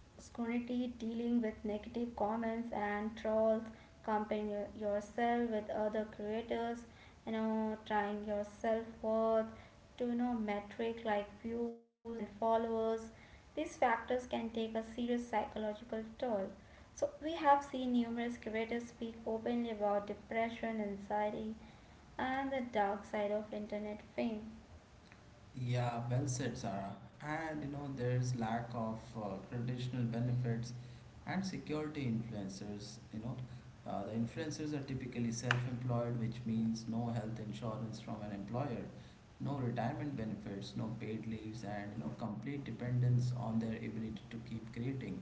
scrutiny, dealing with negative comments and trolls, comparing yourself with other creators, you know, trying your self worth to you know metric like views and followers. These factors can take a serious psychological toll. So we have seen numerous creators speak openly about depression, anxiety, and the dark side of internet fame. Yeah, well said, Sarah. And you know, there's lack of uh, traditional benefits and security influencers. You know, uh, the influencers are typically self-employed, which means no health insurance from an employer, no retirement benefits, no paid leaves, and you know, complete dependence on their ability to keep creating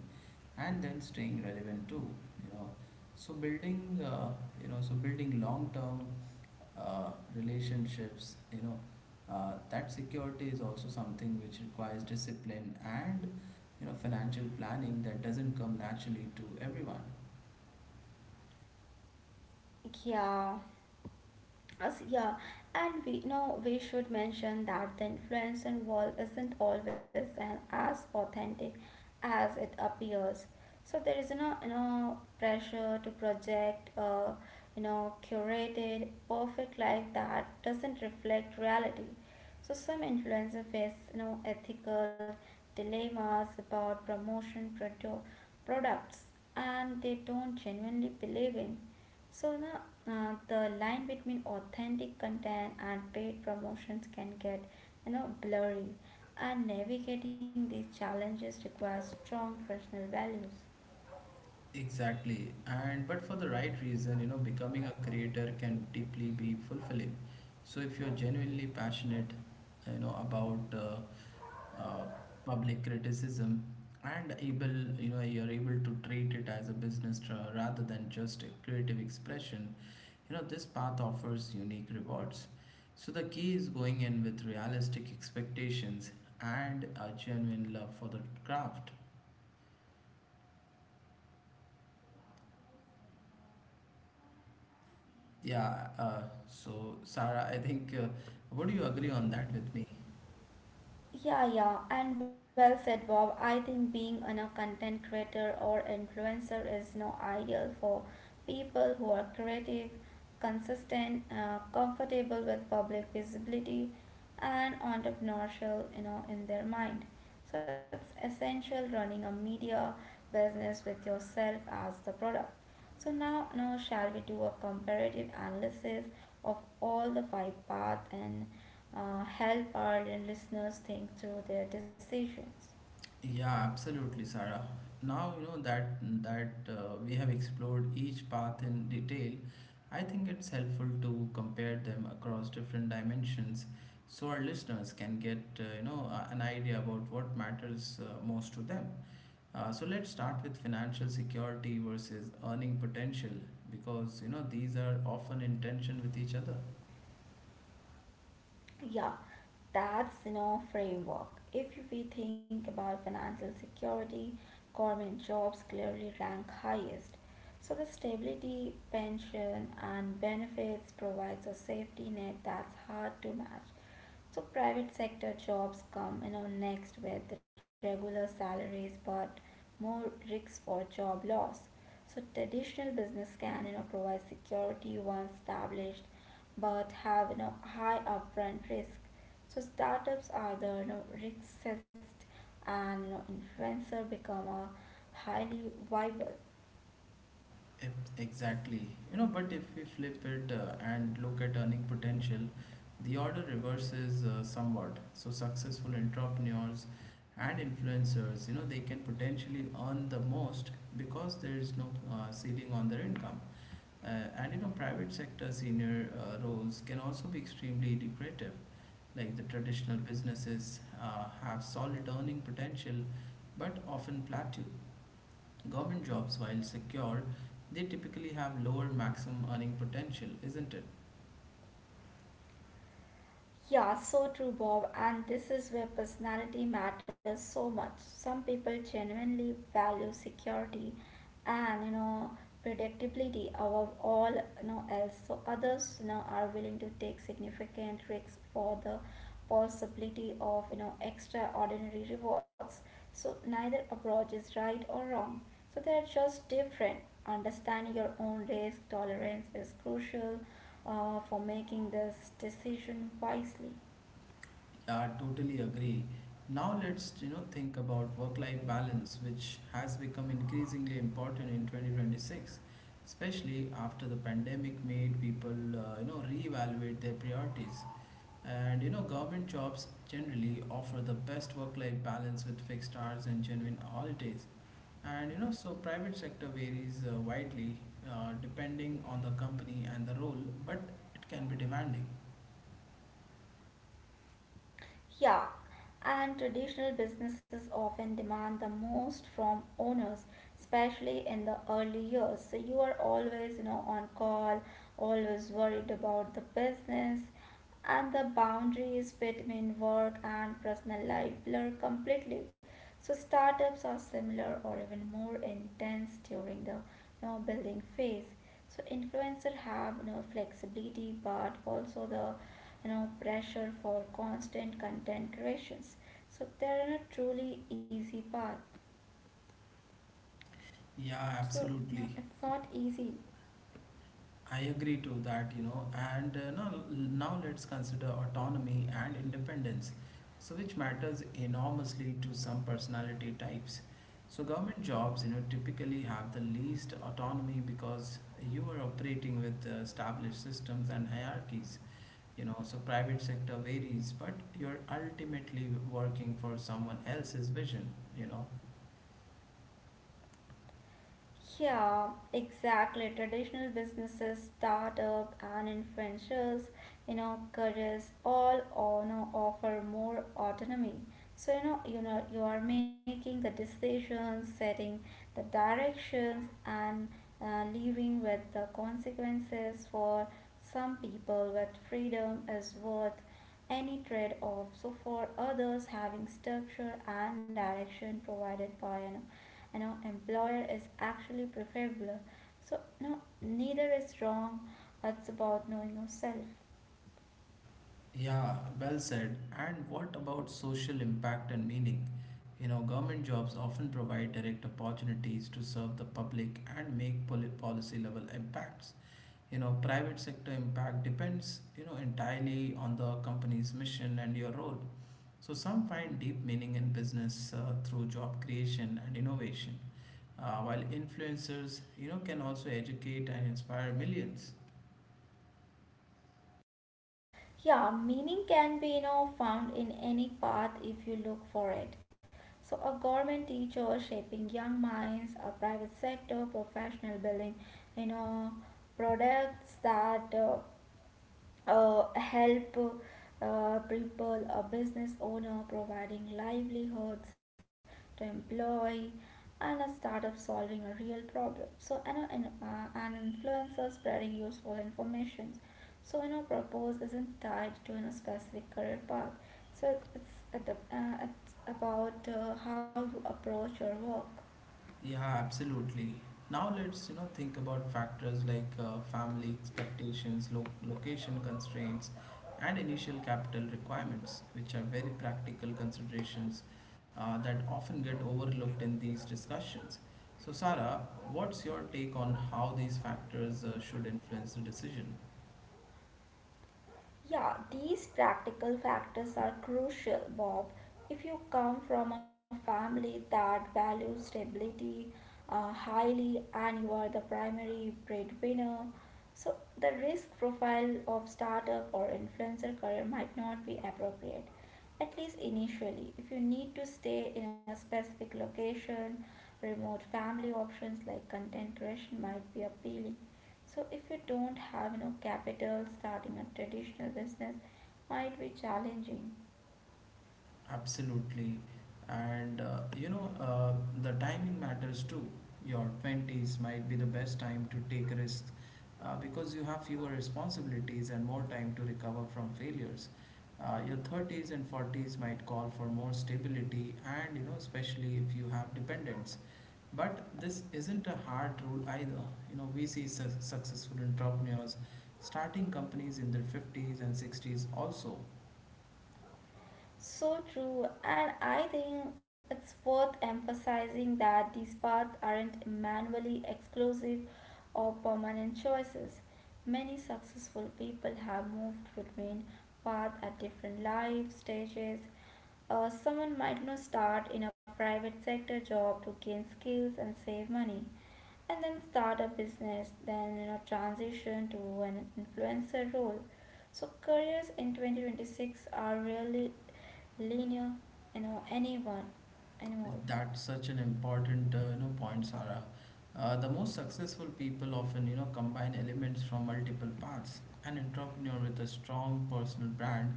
and then staying relevant too. You know, so building, uh, you know, so building long-term uh, relationships, you know, uh, that security is also something which requires discipline and you know financial planning that doesn't come naturally to everyone. Yeah, Us, yeah, and we know we should mention that the influencer wall isn't always an, as authentic as it appears. So there is no you know pressure to project a you know curated perfect life that doesn't reflect reality. So some influencers face you know ethical dilemmas about promotion produ- products and they don't genuinely believe in, so now uh, the line between authentic content and paid promotions can get you know blurry, and navigating these challenges requires strong personal values. Exactly, and but for the right reason, you know, becoming a creator can deeply be fulfilling. So if you're genuinely passionate, you know, about uh, uh, public criticism and able, you know, you're able to treat it as a business tra- rather than just a creative expression. You know, this path offers unique rewards. So the key is going in with realistic expectations and a genuine love for the craft. Yeah, uh, so Sarah, I think, uh, would you agree on that with me? Yeah, yeah, and well said, Bob. I think being an, a content creator or influencer is no ideal for people who are creative, consistent, uh, comfortable with public visibility, and entrepreneurial, you know, in their mind. So it's essential running a media business with yourself as the product. So now, now shall we do a comparative analysis of all the five paths and uh, help our listeners think through their decisions? Yeah, absolutely, Sarah. Now you know that that uh, we have explored each path in detail. I think it's helpful to compare them across different dimensions, so our listeners can get uh, you know uh, an idea about what matters uh, most to them. Uh, so let's start with financial security versus earning potential, because you know these are often in tension with each other. Yeah, that's you know framework. If we think about financial security, government jobs clearly rank highest. So the stability, pension, and benefits provides a safety net that's hard to match. So private sector jobs come, you know, next with regular salaries but more risks for job loss. So traditional business can, you know, provide security once established but have, you know, high upfront risk. So startups are the, you know, riskest, and you know, influencer become a highly viable. Ex- Exactly. You know, but if we flip it uh, and look at earning potential, the order reverses uh, somewhat. So successful entrepreneurs and influencers, you know, they can potentially earn the most because there is no uh, ceiling on their income. Uh, and you know, private sector senior uh, roles can also be extremely lucrative. Like the traditional businesses uh, have solid earning potential, but often plateau. Government jobs, while secure, they typically have lower maximum earning potential, isn't it? Yeah, so true, Bob. And this is where personality matters so much. Some people genuinely value security and, you know, predictability above all, you know, else. So others, you know, are willing to take significant risks for the possibility of, you know, extraordinary rewards. So neither approach is right or wrong. So they are just different. Understanding your own risk tolerance is crucial, uh, for making this decision wisely. Yeah, I totally agree. Now let's you know think about work-life balance, which has become increasingly important in twenty twenty-six, especially after the pandemic made people uh, you know reevaluate their priorities. And you know, government jobs generally offer the best work-life balance with fixed hours and genuine holidays. And you know, so private sector varies uh, widely, uh, depending on the company and the role, but it can be demanding. Yeah, and traditional businesses often demand the most from owners, especially in the early years. So you are always, you know, on call, always worried about the business, and the boundaries between work and personal life blur completely. So startups are similar or even more intense during the, you know, building phase. So influencers have, you know, flexibility, but also the, you know, pressure for constant content creations. So they're in a truly easy path, Yeah, so no, absolutely. it's not easy. I agree to that, you know, and uh, now, now let's consider autonomy and independence, so which matters enormously to some personality types. So government jobs, you know, typically have the least autonomy because you are operating with uh, established systems and hierarchies, you know, so private sector varies, but you're ultimately working for someone else's vision, you know. Yeah, exactly. Traditional businesses, startup and influencers, you know, careers all, uh, you know, offer more autonomy. So you know, you know, you are making the decisions, setting the directions, and uh, living with the consequences. For some people, with freedom is worth any trade-off. So for others, having structure and direction provided by an, you know, employer is actually preferable. So no, neither is wrong. It's about knowing yourself. Yeah, well said. And what about social impact and meaning? You know, government jobs often provide direct opportunities to serve the public and make poli- policy level impacts. You know, private sector impact depends, you know, entirely on the company's mission and your role. So some find deep meaning in business uh, through job creation and innovation. Uh, while influencers, you know, can also educate and inspire millions. Yeah, meaning can be, you know, found in any path if you look for it. So a government teacher shaping young minds, a private sector professional building, you know, products that uh, uh, help uh, people, a business owner providing livelihoods to employ, and a startup solving a real problem. So, and, a- and uh, an influencer spreading useful information. So, you know, purpose isn't tied to, you know, specific career path. So, it's, ad- uh, it's about uh, how you approach your work. Yeah, absolutely. Now let's, you know, think about factors like uh, family expectations, lo location constraints, and initial capital requirements, which are very practical considerations uh, that often get overlooked in these discussions. So, Sarah, what's your take on how these factors uh, should influence the decision? Yeah, these practical factors are crucial, Bob. If you come from a family that values stability uh, highly and you are the primary breadwinner, so the risk profile of startup or influencer career might not be appropriate, at least initially. If you need to stay in a specific location, remote family options like content creation might be appealing. So if you don't have, you know, capital, starting a traditional business might be challenging. Absolutely. And uh, you know, uh, the timing matters too. Your twenties might be the best time to take risks uh, because you have fewer responsibilities and more time to recover from failures. Uh, your thirties and forties might call for more stability and, you know, especially if you have dependents. But this isn't a hard rule either. You know, we see su- successful entrepreneurs starting companies in their fifties and sixties also. So true, and I think it's worth emphasizing that these paths aren't manually exclusive or permanent choices. Many successful people have moved between paths at different life stages. Uh, someone might, you know, start in a private sector job to gain skills and save money, and then start a business, then, you know, transition to an influencer role. So careers in twenty twenty-six are really linear, you know, anyone anymore. That's such an important, uh, you know, point, Sarah. Uh, the most successful people often, you know, combine elements from multiple paths. An entrepreneur with a strong personal brand,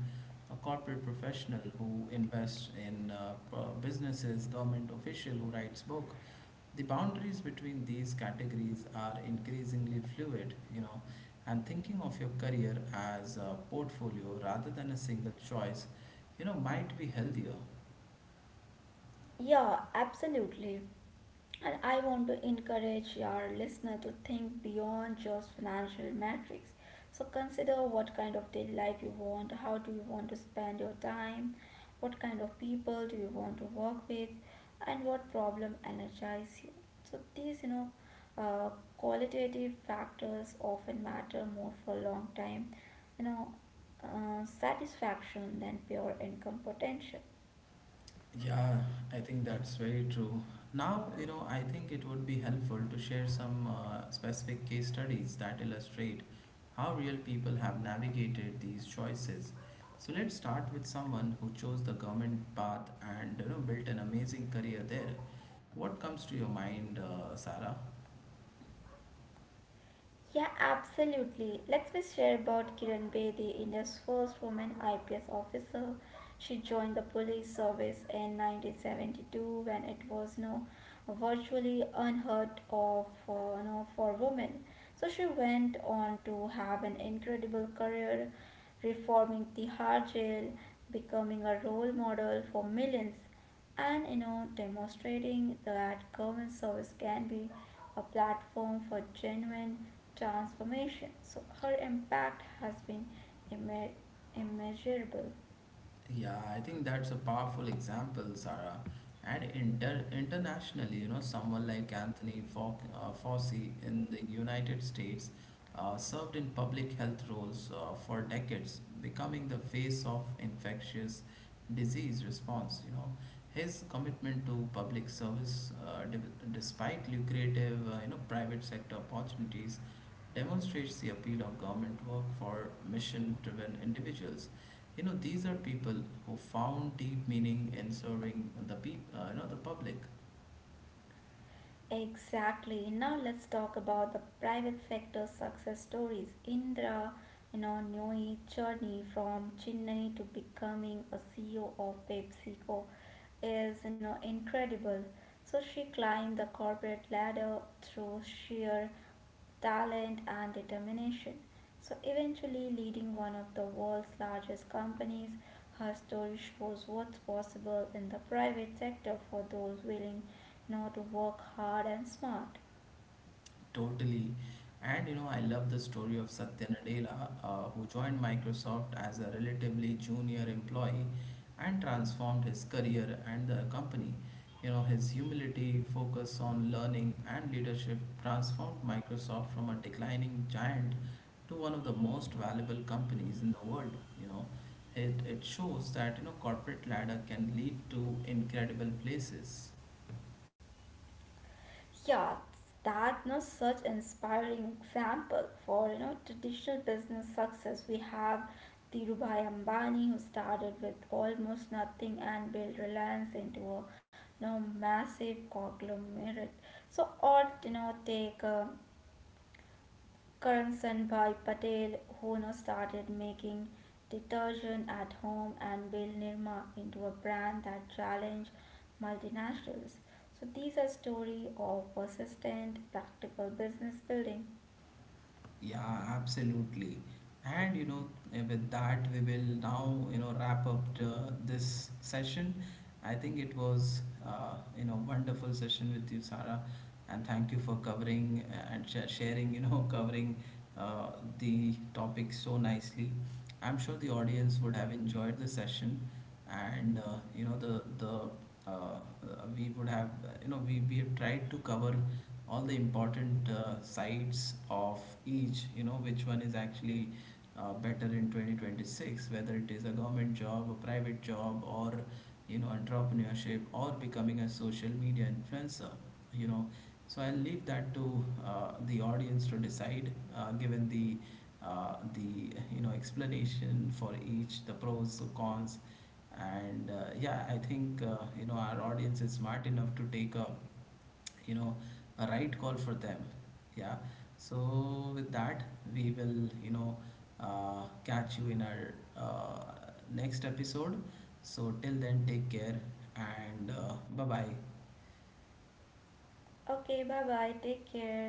a corporate professional who invests in uh, p- businesses, government official who writes book. The boundaries between these categories are increasingly fluid, you know, and thinking of your career as a portfolio rather than a single choice, you know, might be healthier. Yeah, absolutely. And I want to encourage our listener to think beyond just financial metrics. So consider what kind of daily life you want, how do you want to spend your time, what kind of people do you want to work with, and what problem energize you. So these, you know, uh, qualitative factors often matter more for a long time, you know, uh, satisfaction than pure income potential. Yeah, I think that's very true. Now, you know, I think it would be helpful to share some uh, specific case studies that illustrate how real people have navigated these choices. So let's start with someone who chose the government path and you know built an amazing career there. What comes to your mind, uh, Sarah? Yeah, absolutely. Let's just share about Kiran Bedi, India's first woman I P S officer. She joined the police service in nineteen seventy-two when it was no virtually unheard of, uh, no, for women. So she went on to have an incredible career, reforming Tihar jail, becoming a role model for millions, and, you know, demonstrating that government service can be a platform for genuine transformation. So her impact has been imme- immeasurable. Yeah, I think that's a powerful example, Sarah. And inter internationally, you know, someone like Anthony Fau uh, Fauci in the United States uh, served in public health roles uh, for decades, becoming the face of infectious disease response. You know, his commitment to public service, uh, d despite lucrative, uh, you know, private sector opportunities, demonstrates the appeal of government work for mission-driven individuals. You know, these are people who found deep meaning in serving the peop uh, you know, the public. Exactly. Now let's talk about the private sector success stories. Indra, you know, Noe journey from Chennai to becoming a C E O of PepsiCo is, you know, incredible. So she climbed the corporate ladder through sheer talent, and determination. So, eventually, leading one of the world's largest companies, her story shows what's possible in the private sector for those willing, you know, to work hard and smart. Totally. And you know, I love the story of Satya Nadella, uh, who joined Microsoft as a relatively junior employee and transformed his career and the company. You know, his humility, focus on learning, and leadership transformed Microsoft from a declining giant to one of the most valuable companies in the world. You know, it, it shows that, you know, corporate ladder can lead to incredible places. Yeah, that's no such inspiring example for, you know, traditional business success. We have Dhirubhai Ambani who started with almost nothing and built Reliance into a, you know, massive conglomerate. So or you know take uh, Karan Sanbhai Patel, who now started making detergent at home and built Nirma into a brand that challenged multinationals. So these are story of persistent, practical business building. Yeah, absolutely. And you know, eh, with that, we will now, you know, wrap up the, this session. I think it was, uh, you know, wonderful session with you, Sarah, and thank you for covering eh, and sh sharing, you know, covering uh, the topic so nicely. I'm sure the audience would have enjoyed the session, and uh, you know, the the uh, uh, we would have you know we, we have tried to cover all the important uh, sides of each, you know, which one is actually uh, better in twenty twenty-six, whether it is a government job, a private job, or you know entrepreneurship, or becoming a social media influencer, you know. So I'll leave that to uh, the audience to decide, uh, given the uh, the you know explanation for each, the pros, the cons, and uh, yeah, I think uh, you know our audience is smart enough to take a you know a right call for them. Yeah. So with that, we will you know uh, catch you in our uh, next episode. So till then, take care, and uh, bye bye. Okay, bye bye. Take care.